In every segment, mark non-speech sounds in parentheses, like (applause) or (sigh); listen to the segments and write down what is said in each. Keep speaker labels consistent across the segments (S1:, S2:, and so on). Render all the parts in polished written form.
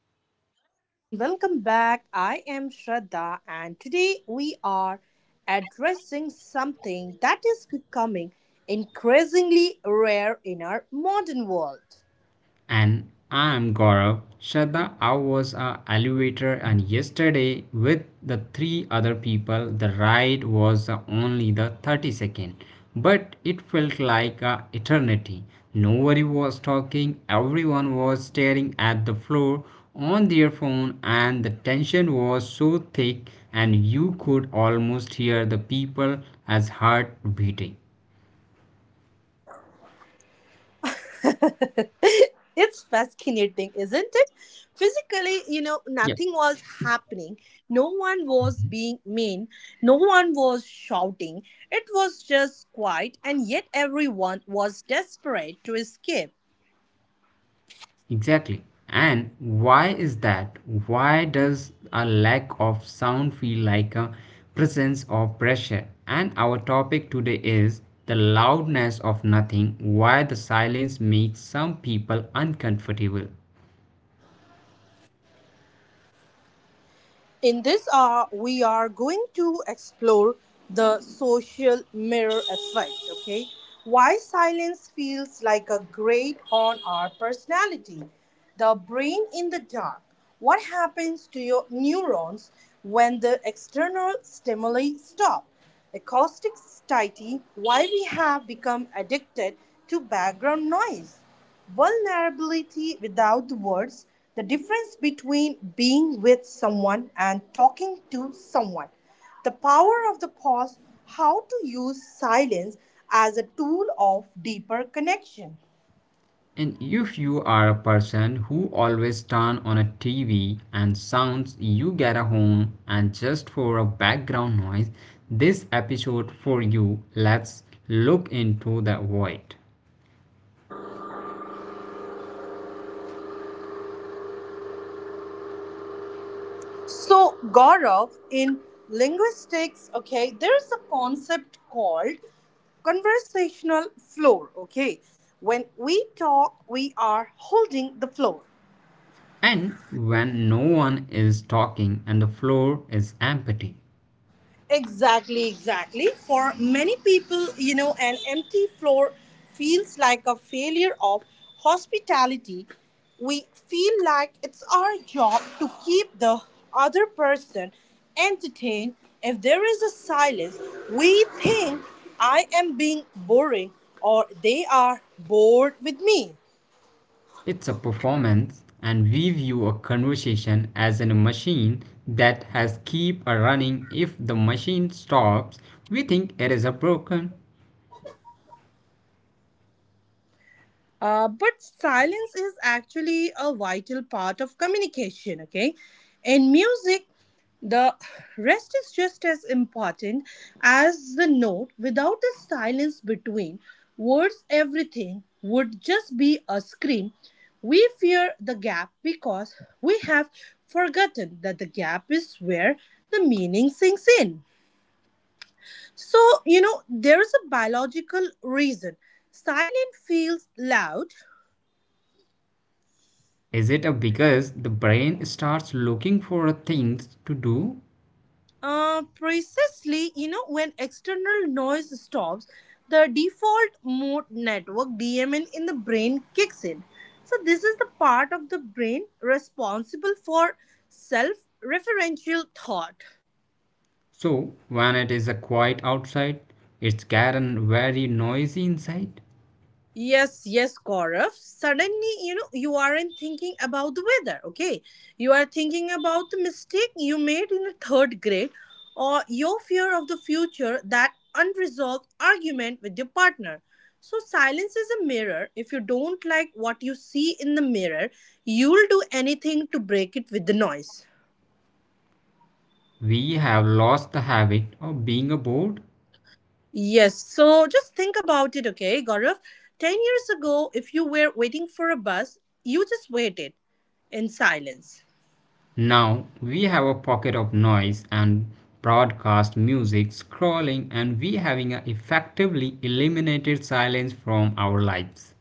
S1: Hello, everyone, and welcome back. I am Shraddha, and today we are addressing something that is becoming increasingly rare in our modern world.
S2: And I'm Gaurav. Shraddha, I was a elevator and yesterday with the three other people, the ride was the only the 30 seconds second. But it felt like a eternity. Nobody was talking, everyone was staring at the floor on their phone and the tension was so thick and you could almost hear the people as heart beating.
S1: (laughs) It's fascinating, isn't it? Physically, nothing was happening, no one was being mean, no one was shouting. It was just quiet, and yet everyone was desperate to escape.
S2: Exactly. And why is that? Why does a lack of sound feel like a presence or pressure? And our topic today is the loudness of nothing, why the silence makes some people uncomfortable.
S1: In this hour, we are going to explore the social mirror effect. Okay, why silence feels like a grade on our personality. The brain in the dark. What happens to your neurons when the external stimuli stop? Acoustic satiety. Why we have become addicted to background noise. Vulnerability without the words, the difference between being with someone and talking to someone, the power of the pause, how to use silence as a tool of deeper connection.
S2: And if you are a person who always turn on a TV and sounds you get at home and just for a background noise, this episode for you. Let's look into the void.
S1: So, Gaurav, in linguistics, okay, there is a concept called conversational floor, okay? When we talk, we are holding the floor.
S2: And when no one is talking and the floor is empty,
S1: Exactly, exactly. For many people, an empty floor feels like a failure of hospitality. We feel like it's our job to keep the other person entertained. If there is a silence, we think I am being boring or they are bored with me.
S2: it's a performance and we view a conversation as in a machine that has keep a running. If the machine stops, we think it is a broken.
S1: But silence is actually a vital part of communication, okay? In music, the rest is just as important as the note. Without the silence between words, everything would just be a scream. We fear the gap because we have forgotten that the gap is where the meaning sinks in. So, there is a biological reason. Silent feels loud.
S2: Is it a because the brain starts looking for things to do?
S1: Precisely, when external noise stops, the default mode network DMN in the brain kicks in. So, this is the part of the brain responsible for self referential thought.
S2: So when it is a quiet outside, it's gotten very noisy inside.
S1: Yes, yes, Gaurav. Suddenly, you aren't thinking about the weather, okay? You are thinking about the mistake you made in the third grade or your fear of the future, that unresolved argument with your partner. So, silence is a mirror. If you don't like what you see in the mirror, you'll do anything to break it with the noise.
S2: We have lost the habit of being bored.
S1: Yes, so just think about it, okay, Gaurav? 10 years ago, if you were waiting for a bus, you just waited in silence.
S2: Now we have a pocket of noise and broadcast music scrolling and we having a effectively eliminated silence from our lives.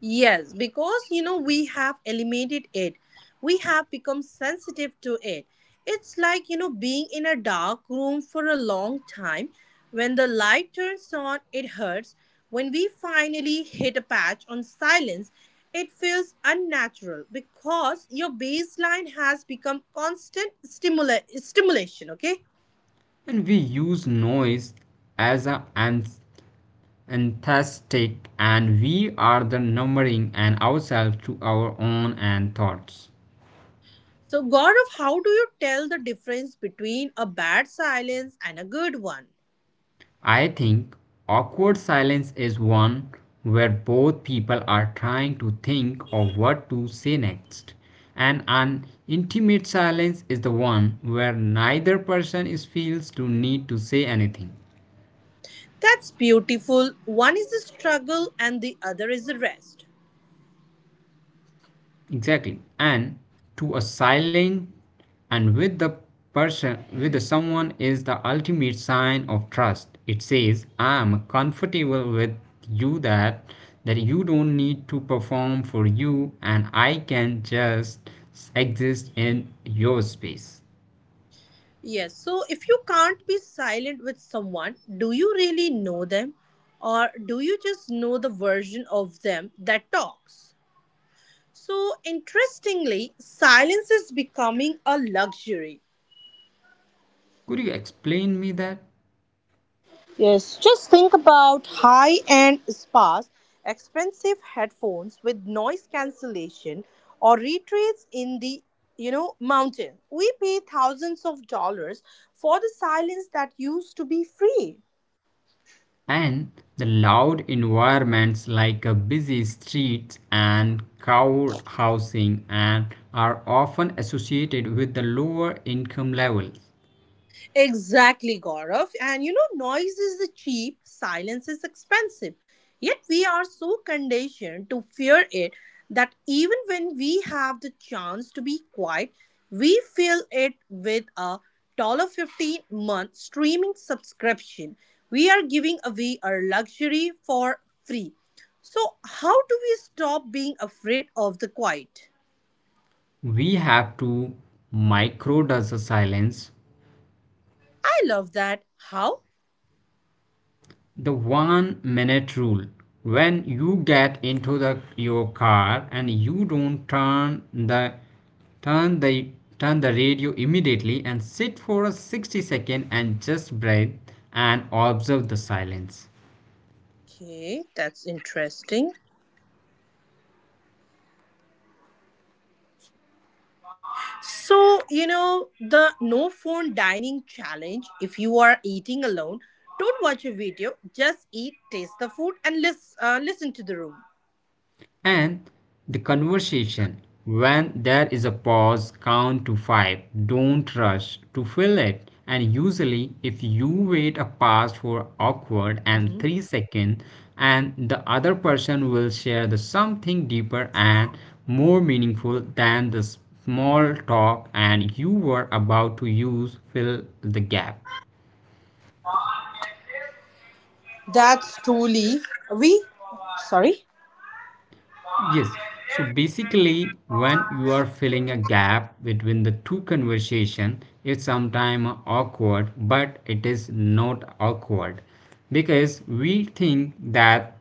S1: Yes, because you know we have eliminated it. We have become sensitive to it. It's like, being in a dark room for a long time. When the light turns on, it hurts. When we finally hit a patch on silence, it feels unnatural because your baseline has become constant stimulation, okay?
S2: And we use noise as a anthestic and we are the numbering and ourselves to our own and thoughts.
S1: So, Gaurav, how do you tell the difference between a bad silence and a good one?
S2: I think awkward silence is one where both people are trying to think of what to say next. And an intimate silence is the one where neither person is feels to need to say anything.
S1: That's beautiful. One is the struggle and the other is the rest.
S2: Exactly. And to a silent and with the person with the someone is the ultimate sign of trust. It says, I am comfortable with you that you don't need to perform for you and I can just exist in your space.
S1: Yes, so if you can't be silent with someone, do you really know them? Or do you just know the version of them that talks? So, interestingly, silence is becoming a luxury.
S2: Could you explain me that?
S1: Yes, just think about high end spas, expensive headphones with noise cancellation, or retreats in the mountain. We pay thousands of dollars for the silence that used to be free.
S2: And the loud environments like busy streets and crowd housing and are often associated with the lower income levels.
S1: Exactly, Gaurav. And you know, noise is cheap, silence is expensive. Yet we are so conditioned to fear it that even when we have the chance to be quiet, we fill it with a dollar $15 month streaming subscription. We are giving away our luxury for free. So, how do we stop being afraid of the quiet?
S2: We have to microdose the silence.
S1: I love that. How?
S2: The 1 minute rule, when you get into the your car and you don't turn the turn the radio immediately and sit for a 60 seconds second and just breathe and observe the silence
S1: Okay, that's interesting. So, the no phone dining challenge if you are eating alone, don't watch a video, just eat, taste the food, and listen to the room.
S2: and the conversation. When there is a pause, count to five. Don't rush to fill it. And usually, if you wait a pause for awkward and
S1: Mhm.
S2: 3 seconds, and the other person will share the something deeper and more meaningful than the small talk and you were about to use, fill the gap.
S1: That's truly. We? Sorry?
S2: Yes. So basically, when you are filling a gap between the two conversation, it's sometimes awkward, but it is not awkward because we think that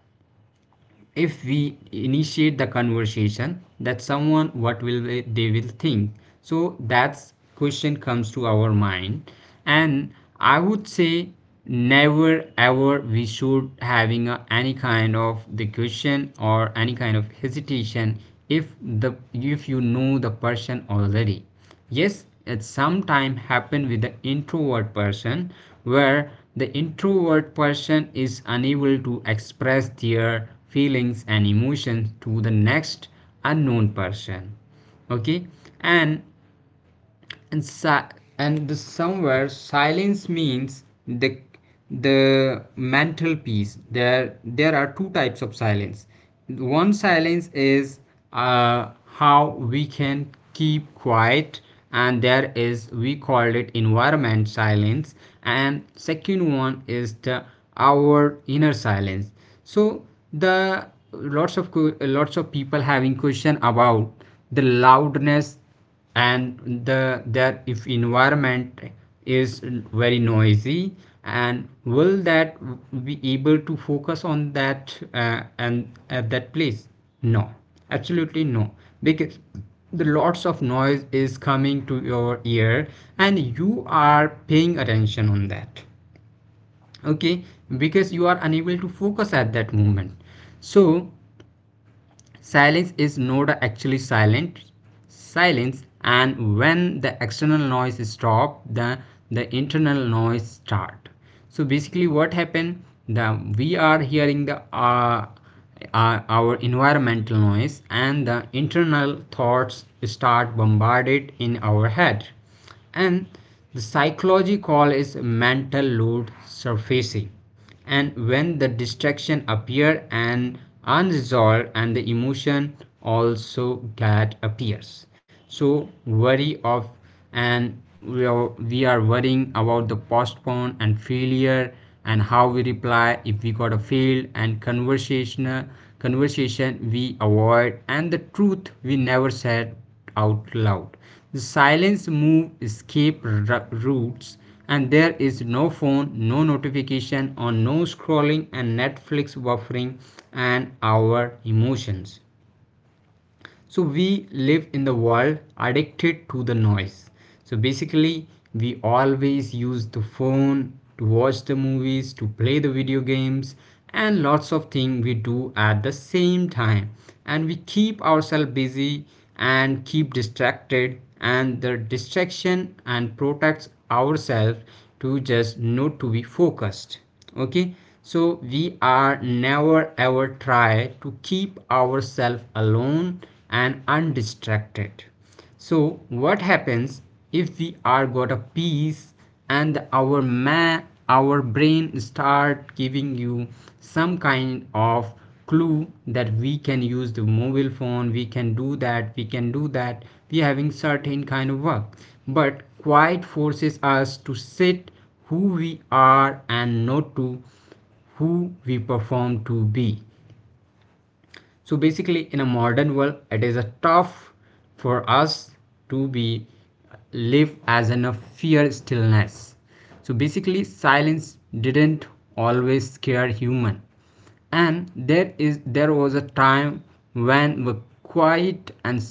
S2: if we initiate the conversation that someone what will they will think. So that's question comes to our mind. And I would say never ever we should having a, any kind of the question or any kind of hesitation if the if you know the person already. Yes, it sometimes happen with the introvert person where the introvert person is unable to express their feelings and emotions to the next unknown person. Okay. And and si- and somewhere silence means the mental peace. There are two types of silence. One silence is, uh, how we can keep quiet, and there is we called it environment silence, and second one is the our inner silence. So the lots of lots of people having question about the loudness and the their if environment is very noisy, and will that be able to focus on that and at that place? No, absolutely no. Because the lots of noise is coming to your ear and you are paying attention on that. Okay, because you are unable to focus at that moment. So silence is not actually silent. Silence, and when the external noise stop, the internal noise start. So basically what happened, the we are hearing the our environmental noise and the internal thoughts start bombarded in our head. And the psychology call is mental load surfacing, and when the distraction appear and unresolved and the emotion also get appears. So worry of, and we are worrying about the postpone and failure, and how we reply if we got a failed and conversational conversation we avoid, and the truth we never said out loud. The silence move escape routes, and there is no phone, no notification or no scrolling and netflix buffering and our emotions. So we live in the world addicted to the noise. So basically, we always use the phone to watch the movies, to play the video games, and lots of things we do at the same time, and we keep ourselves busy and keep distracted, and the distraction and protects ourselves to just not to be focused. Okay, so we are never ever try to keep ourselves alone and undistracted. So what happens if we are got a peace, and our brain start giving you some kind of clue that we can use the mobile phone, we can do that, we can do that, we having certain kind of work. But quiet forces us to sit who we are and not to who we perform to be. So basically, in a modern world, it is a tough for us to be live as in a fear stillness. So basically, silence didn't always scare human, and there was a time when we quiet and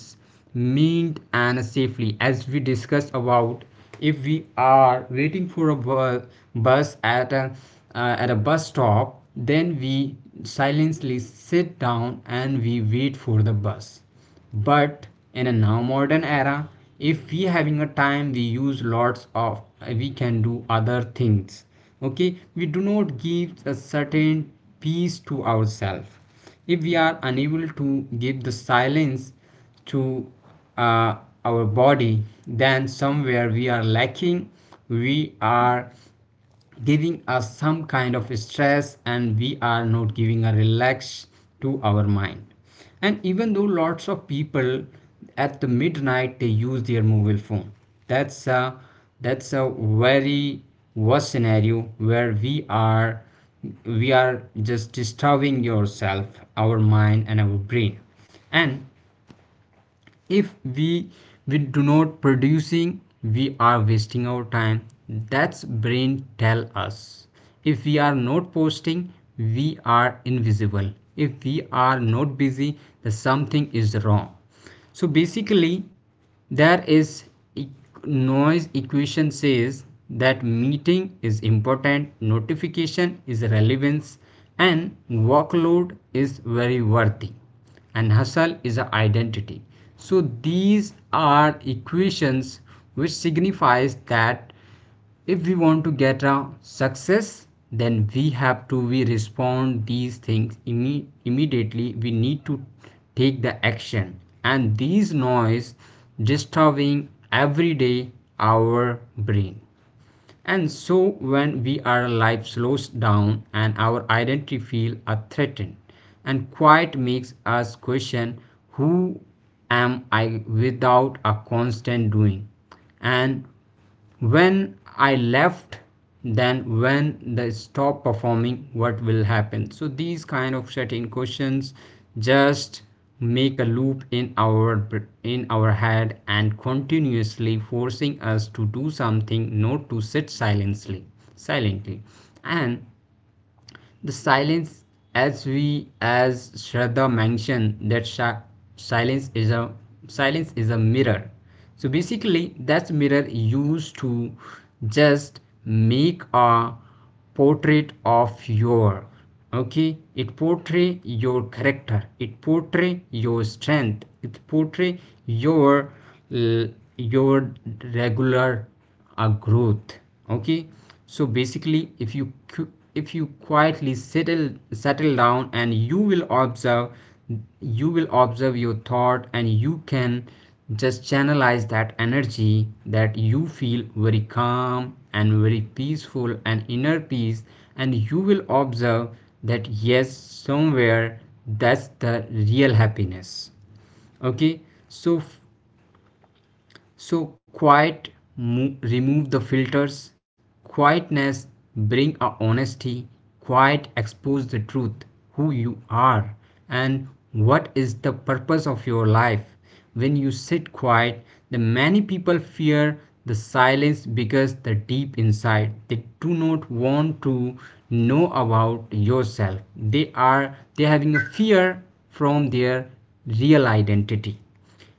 S2: meant and safely, as we discussed about, if we are waiting for a bus at a bus stop, then we silently sit down and we wait for the bus. But in a now modern era, if we having a time, we use lots of, we can do other things. Okay, we do not give a certain peace to ourselves. If we are unable to give the silence to uh, our body, then somewhere we are lacking, we are giving us some kind of stress and we are not giving a relax to our mind. And even though lots of people at the midnight they use their mobile phone. That's a that's a very worst scenario where we are just disturbing yourself our mind and our brain. And if we do not producing, we are wasting our time, that's brain tell us. If we are not posting, we are invisible. If we are not busy, then something is wrong. So basically, there is e- noise equation says that meeting is important, notification is relevance, and workload is very worthy, and hustle is a identity. So these are equations which signifies that if we want to get a success, then we have to we respond these things immediately, we need to take the action, and these noise disturbing every day our brain. And so when we our life slows down and our identity feel are threatened, and quiet makes us question, who am I without a constant doing? And when I left, then when they stop performing, what will happen? So these kind of certain questions just make a loop in our head and continuously forcing us to do something not to sit silently. And the silence, as we as Shraddha mentioned that silence is a, silence is a mirror. So basically that mirror used to just make a portrait of your. Okay, it portray your character, it portray your strength, it portray your your regular a growth. Okay, so basically, if you, if you quietly settle down, and you will observe, you will observe your thought, and you can just channelize that energy that you feel very calm and very peaceful and inner peace. And you will observe that yes, somewhere that's the real happiness. Okay, so so quiet remove the filters. Quietness bring a honesty, quiet expose the truth who you are and what is the purpose of your life. When you sit quiet, the many people fear the silence because the deep inside they do not want to know about yourself. They are they having a fear from their real identity,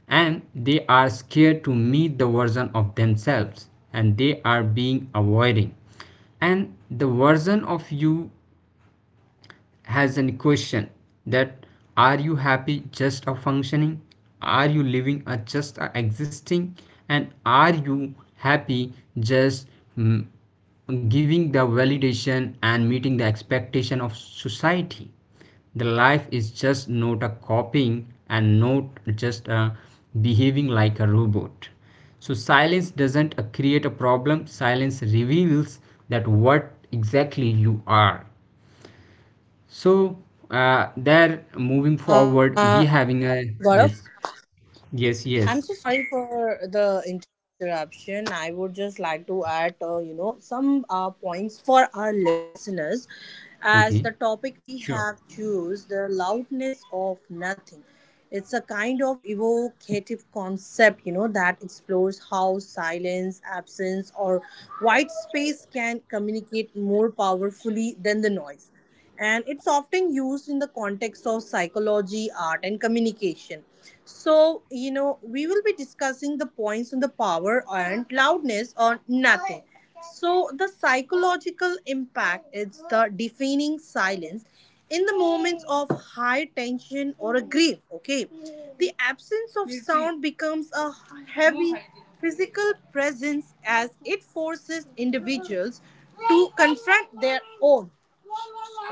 S2: and they are scared to meet the version of themselves and they are being avoiding. And the version of you has an question that are you happy just a functioning, are you living a just a existing, and are you happy just mm, giving the validation and meeting the expectation of society? The life is just not a copying and not just a behaving like a robot. So silence doesn't create a problem, silence reveals that what exactly you are. So there, moving forward,
S1: Uh,
S2: we having a
S1: Gaurav?
S2: yes, yes, yes.
S1: I'm so sorry for the interruption. I would just like to add, some points for our listeners, as
S2: Okay,
S1: the topic we
S2: sure.
S1: have choose the loudness of nothing. It's a kind of evocative concept, that explores how silence, absence, or white space can communicate more powerfully than the noise, and it's often used in the context of psychology, art, and communication. So, we will be discussing the points on the power and loudness or nothing. So, the psychological impact is the deafening silence in the moments of high tension or a grief. Okay, the absence of sound becomes a heavy physical presence as it forces individuals to confront their own,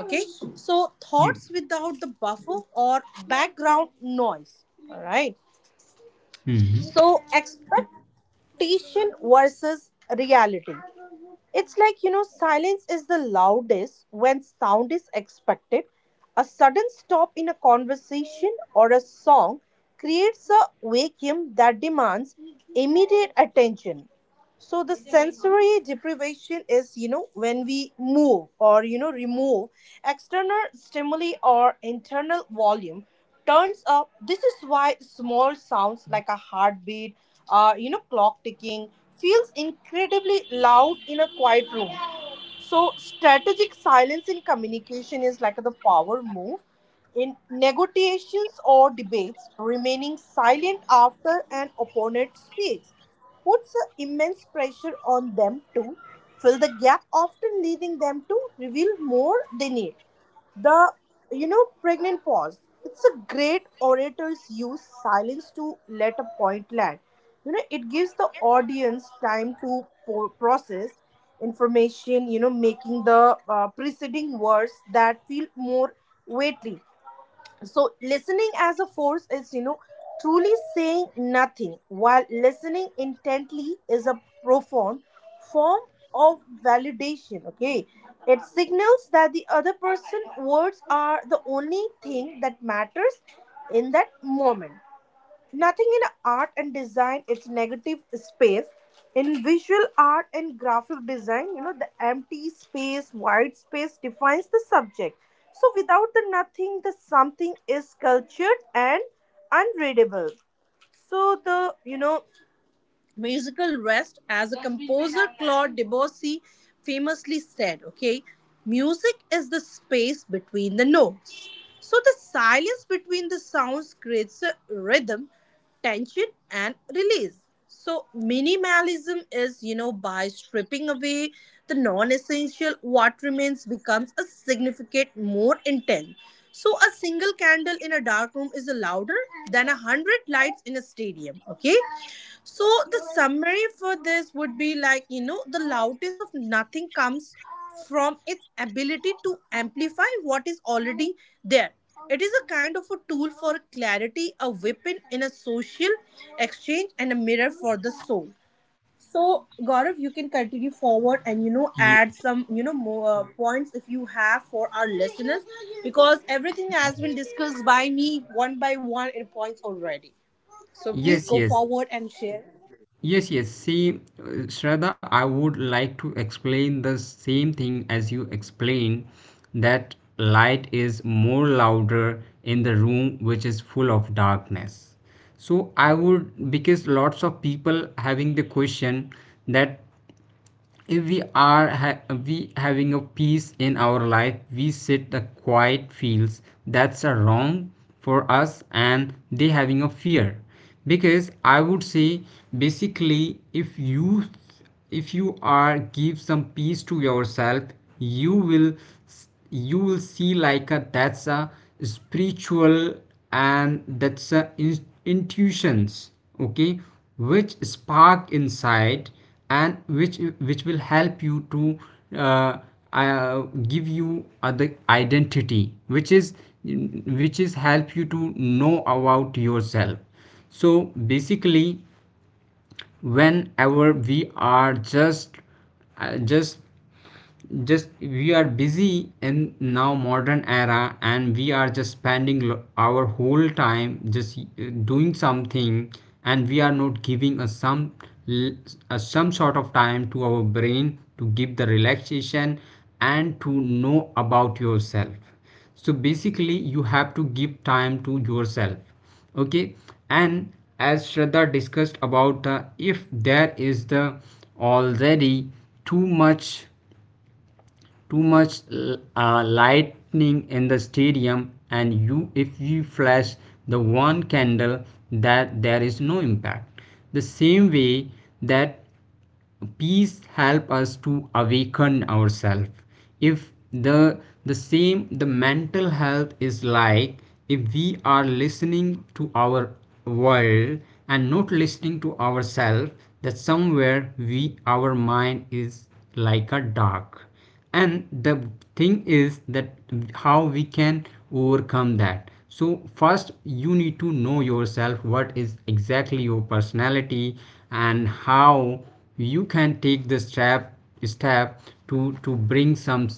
S1: okay, so
S2: Yeah.
S1: thoughts without the buffer or background noise, all right.
S2: Hmm.
S1: So expectation versus reality. It's like, silence is the loudest when sound is expected. A sudden stop in a conversation or a song creates a vacuum that demands immediate attention. So the sensory deprivation is, when we move or, remove external stimuli or internal volume turns up. This is why small sounds like a heartbeat, clock ticking feels incredibly loud in a quiet room. So, strategic silence in communication is like the power move. In negotiations or debates, remaining silent after an opponent speaks puts a immense pressure on them to fill the gap, often leading them to reveal more they need. The, pregnant pause. It's a great orator's use silence to let a point land. It gives the audience time to process information, making the preceding words that feel more weighty. So listening as a force is, truly saying nothing while listening intently is a profound form of validation, okay. It signals that the other person words are the only thing that matters in that moment. Nothing in art and design its negative space. In visual art and graphic design, the empty space, wide space defines the subject. So without the nothing, the something is cultured and unreadable. So the, musical rest, as a composer Claude Debussy famously said, okay, music is the space between the notes. So the silence between the sounds creates a rhythm, tension, and release. So minimalism is, by stripping away the non-essential, what remains becomes a significant more intense. So a single candle in a dark room is louder than a hundred lights in a stadium, okay. So the summary for this would be like, the loudness of nothing comes from its ability to amplify what is already there. It is a kind of a tool for clarity, a weapon in a social exchange, and a mirror for the soul. So Gaurav, you can continue forward and
S2: Ye-
S1: add some more points if you have for our listeners because everything has been discussed by me one by one in points already. So please
S2: yes,
S1: go
S2: yes,
S1: forward and share.
S2: yes, yes. See, Shraddha, I would like to explain the same thing as you explained that light is more louder in the room which is full of darkness. So I would because lots of people having the question that if we are ha- we having a peace in our life we sit the quiet feels that's a wrong for us and they having a fear because I would say basically if you are give some peace to yourself you will you will see like a, that's a spiritual and that's a intuitions, okay, which spark inside and which will help you to uh, uh, give you other identity which is help you to know about yourself. So basically whenever we are just uh, just just we are busy in now modern era and we are just spending our whole time just doing something, and we are not giving a some l- a some sort of time to our brain to give the relaxation and to know about yourself. So basically you have to give time to yourself, okay. And as Shraddha discussed about the if there is the already too much too much lightning in the stadium and you if you flash the one candle that there is no impact. The same way that peace help us to awaken ourselves if the the same the mental health is like if we are listening to our world and not listening to ourselves, that somewhere we our mind is like a dark, and the thing is that how we can overcome that. So first you need to know yourself what is exactly your personality and how you can take the step step to bring some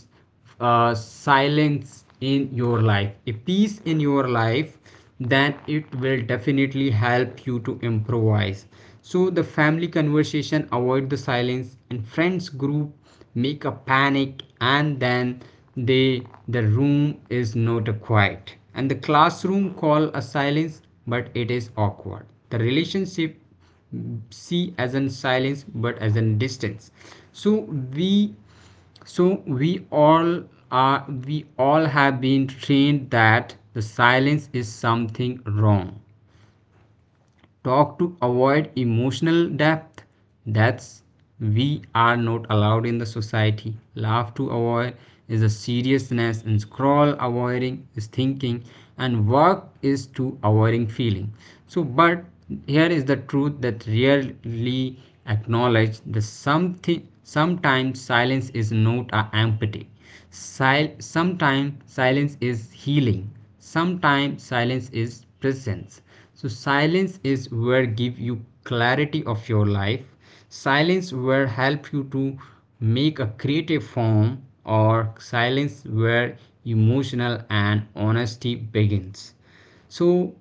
S2: silence in your life, a peace in your life, then it will definitely help you to improvise. So the family conversation, avoid the silence, and friends group make a panic, and then they the room is not quiet. And the classroom call a silence, but it is awkward. The relationship see as in silence but as in distance. so we so we all are we all have been trained that the silence is something wrong, talk to avoid emotional depth, that's we are not allowed in the society, laugh to avoid is a seriousness, and scroll avoiding is thinking, and work is to avoiding feeling. So but here is the truth that rarely acknowledged the something: sometimes silence is not a empty. Sometimes silence is healing, sometimes silence is presence. So silence is where give you clarity of your life, silence where help you to make a creative form, or silence where emotional and honesty begins. So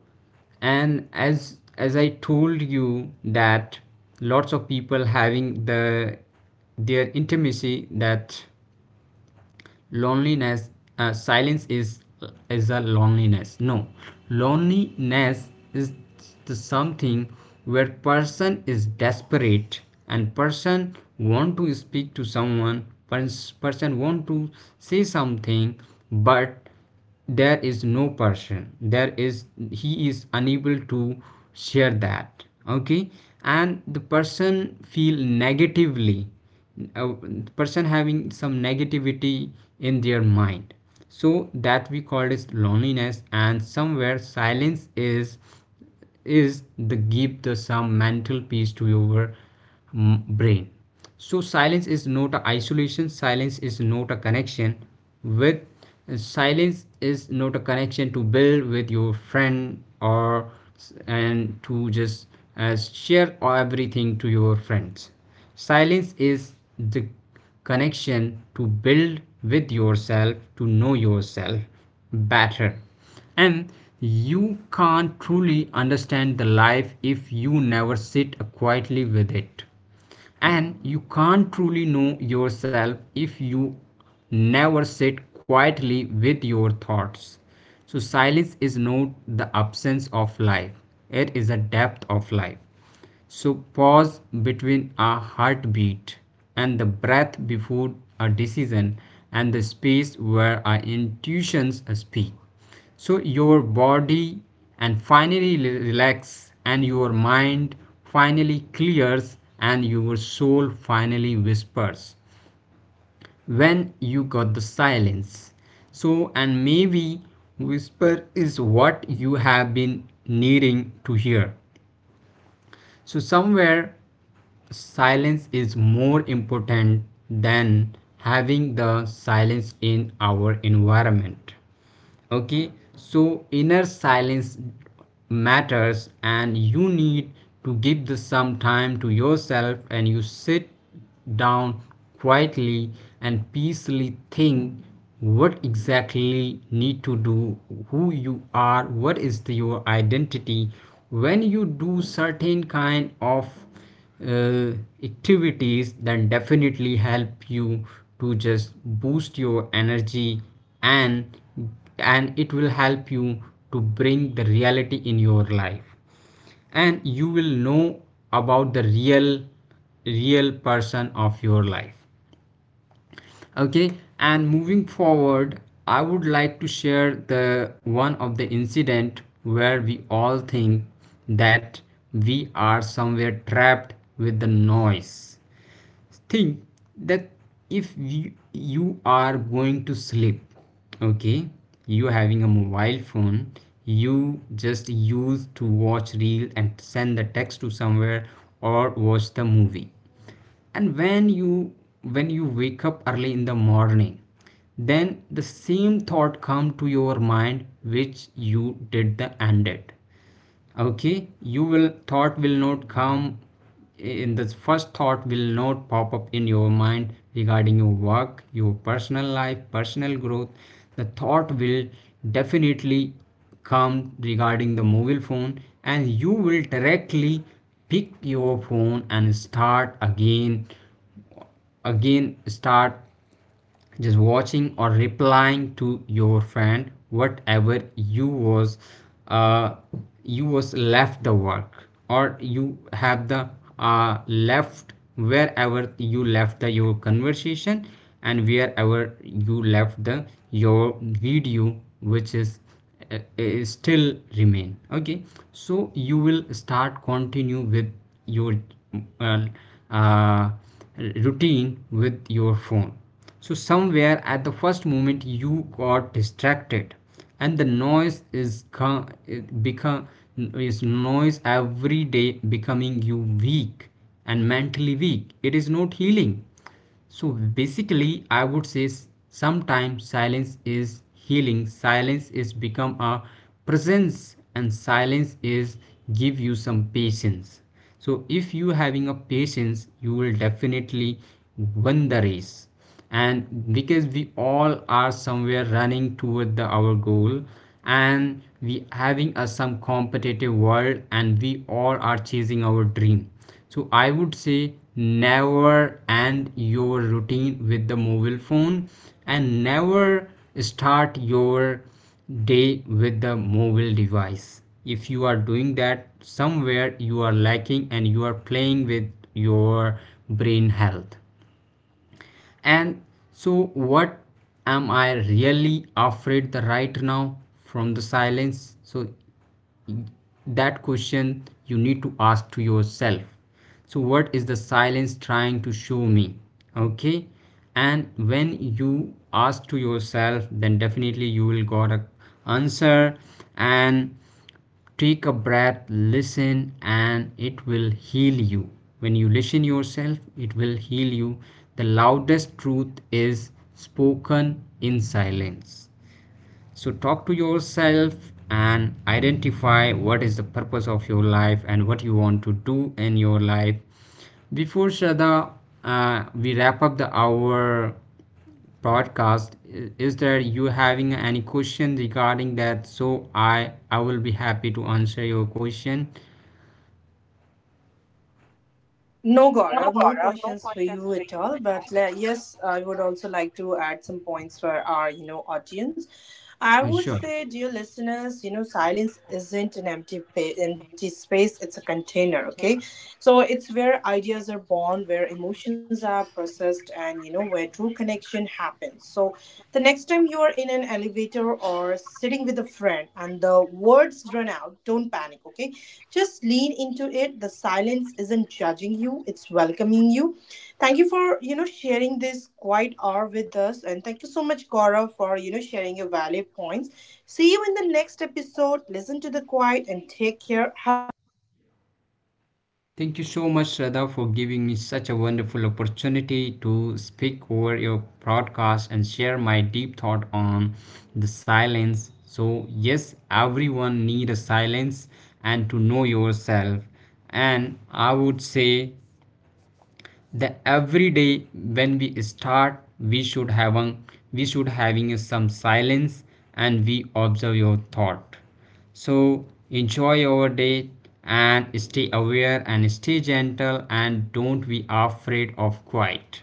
S2: and as I told you that lots of people having the their intimacy, that loneliness, silence is a loneliness, no. Loneliness is the something where person is desperate and person want to speak to someone, person want to say something but there is no person, there is he is unable to share that, okay. And the person feel negatively, uh, person having some negativity in their mind. So that we call as loneliness, and somewhere silence is the give the some mental peace to your brain. So silence is not a isolation, silence is not a connection with, silence is not a connection to build with your friend or and to just share everything to your friends. Silence is the connection to build with yourself, to know yourself better. And you can't truly understand the life if you never sit quietly with it, and you can't truly know yourself if you never sit quietly with your thoughts. So silence is not the absence of life, it is a depth of life. So pause between a heartbeat, and the breath before a decision, and the space where our intuitions speak. So your body and finally relax, and your mind finally clears, and your soul finally whispers when you got the silence. So and maybe whisper is what you have been needing to hear. So somewhere silence is more important than having the silence in our environment, okay. So inner silence matters, and you need to give the some time to yourself and you sit down quietly and peacefully think what exactly need to do, who you are, what is your identity. When you do certain kind of uh, activities then definitely help you to just boost your energy, and and it will help you to bring the reality in your life, and you will know about the real person of your life, okay. And moving forward, I would like to share the one of the incident where we all think that we are somewhere trapped with the noise. Think that if you, you are going to sleep, okay, you having a mobile phone, you just use to watch reel and send the text to somewhere or watch the movie. And when you wake up early in the morning, then the same thought come to your mind which you did the ended. Okay, you will thought will not come, in the first thought will not pop up in your mind regarding your work, your personal life, personal growth. The thought will definitely come regarding the mobile phone and you will directly pick your phone and start again start just watching or replying to your friend. Whatever you was uh, you was left the work, or you have the uh, left, wherever you left the your conversation, and wherever you left the your video which is still remain, okay. So you will start continue with your uh, uh, routine with your phone. So somewhere at the first moment you got distracted and the noise is come become is noise every day becoming you weak and mentally weak, it is not healing. So basically, I would say sometimes silence is healing, silence is become a presence, and silence is give you some patience. So if you having a patience, you will definitely win the race. And because we all are somewhere running toward the our goal, and we having a some competitive world, and we all are chasing our dream. So I would say never end your routine with the mobile phone and never start your day with the mobile device. If you are doing that, somewhere you are lacking and you are playing with your brain health. And so what am I really afraid the right now from the silence? So that question you need to ask to yourself, so what is the silence trying to show me, okay. And when you ask to yourself, then definitely you will got a answer. And take a breath, listen, and it will heal you. When you listen yourself, it will heal you. The loudest truth is spoken in silence. So talk to yourself and identify what is the purpose of your life and what you want to do in your life. Before Shraddha, we wrap up the our podcast. Is there you having any question regarding that? So I will be happy to answer your question.
S1: No, Gaurav, no questions for you at all. But yes, I would also like to add some points for our, audience. I would
S2: Sure.
S1: say, dear listeners, silence isn't an empty space. It's a container. Okay, so it's where ideas are born, where emotions are processed, and where true connection happens. So, the next time you are in an elevator or sitting with a friend and the words run out, don't panic, okay? Just lean into it. The silence isn't judging you, it's welcoming you. Thank you for, sharing this quiet hour with us. And thank you so much, Gaurav, for, sharing your valid points. See you in the next episode. Listen to the quiet and take care. Have a great day. Thank you, Gaurav.
S2: Thank you so much, Shraddha, for giving me such a wonderful opportunity to speak over your broadcast and share my deep thought on the silence. So, yes, everyone need a silence and to know yourself. And I would say the every day when we start we should having some silence and we observe your thought. So enjoy your day, and stay aware and stay gentle and don't be afraid of quiet.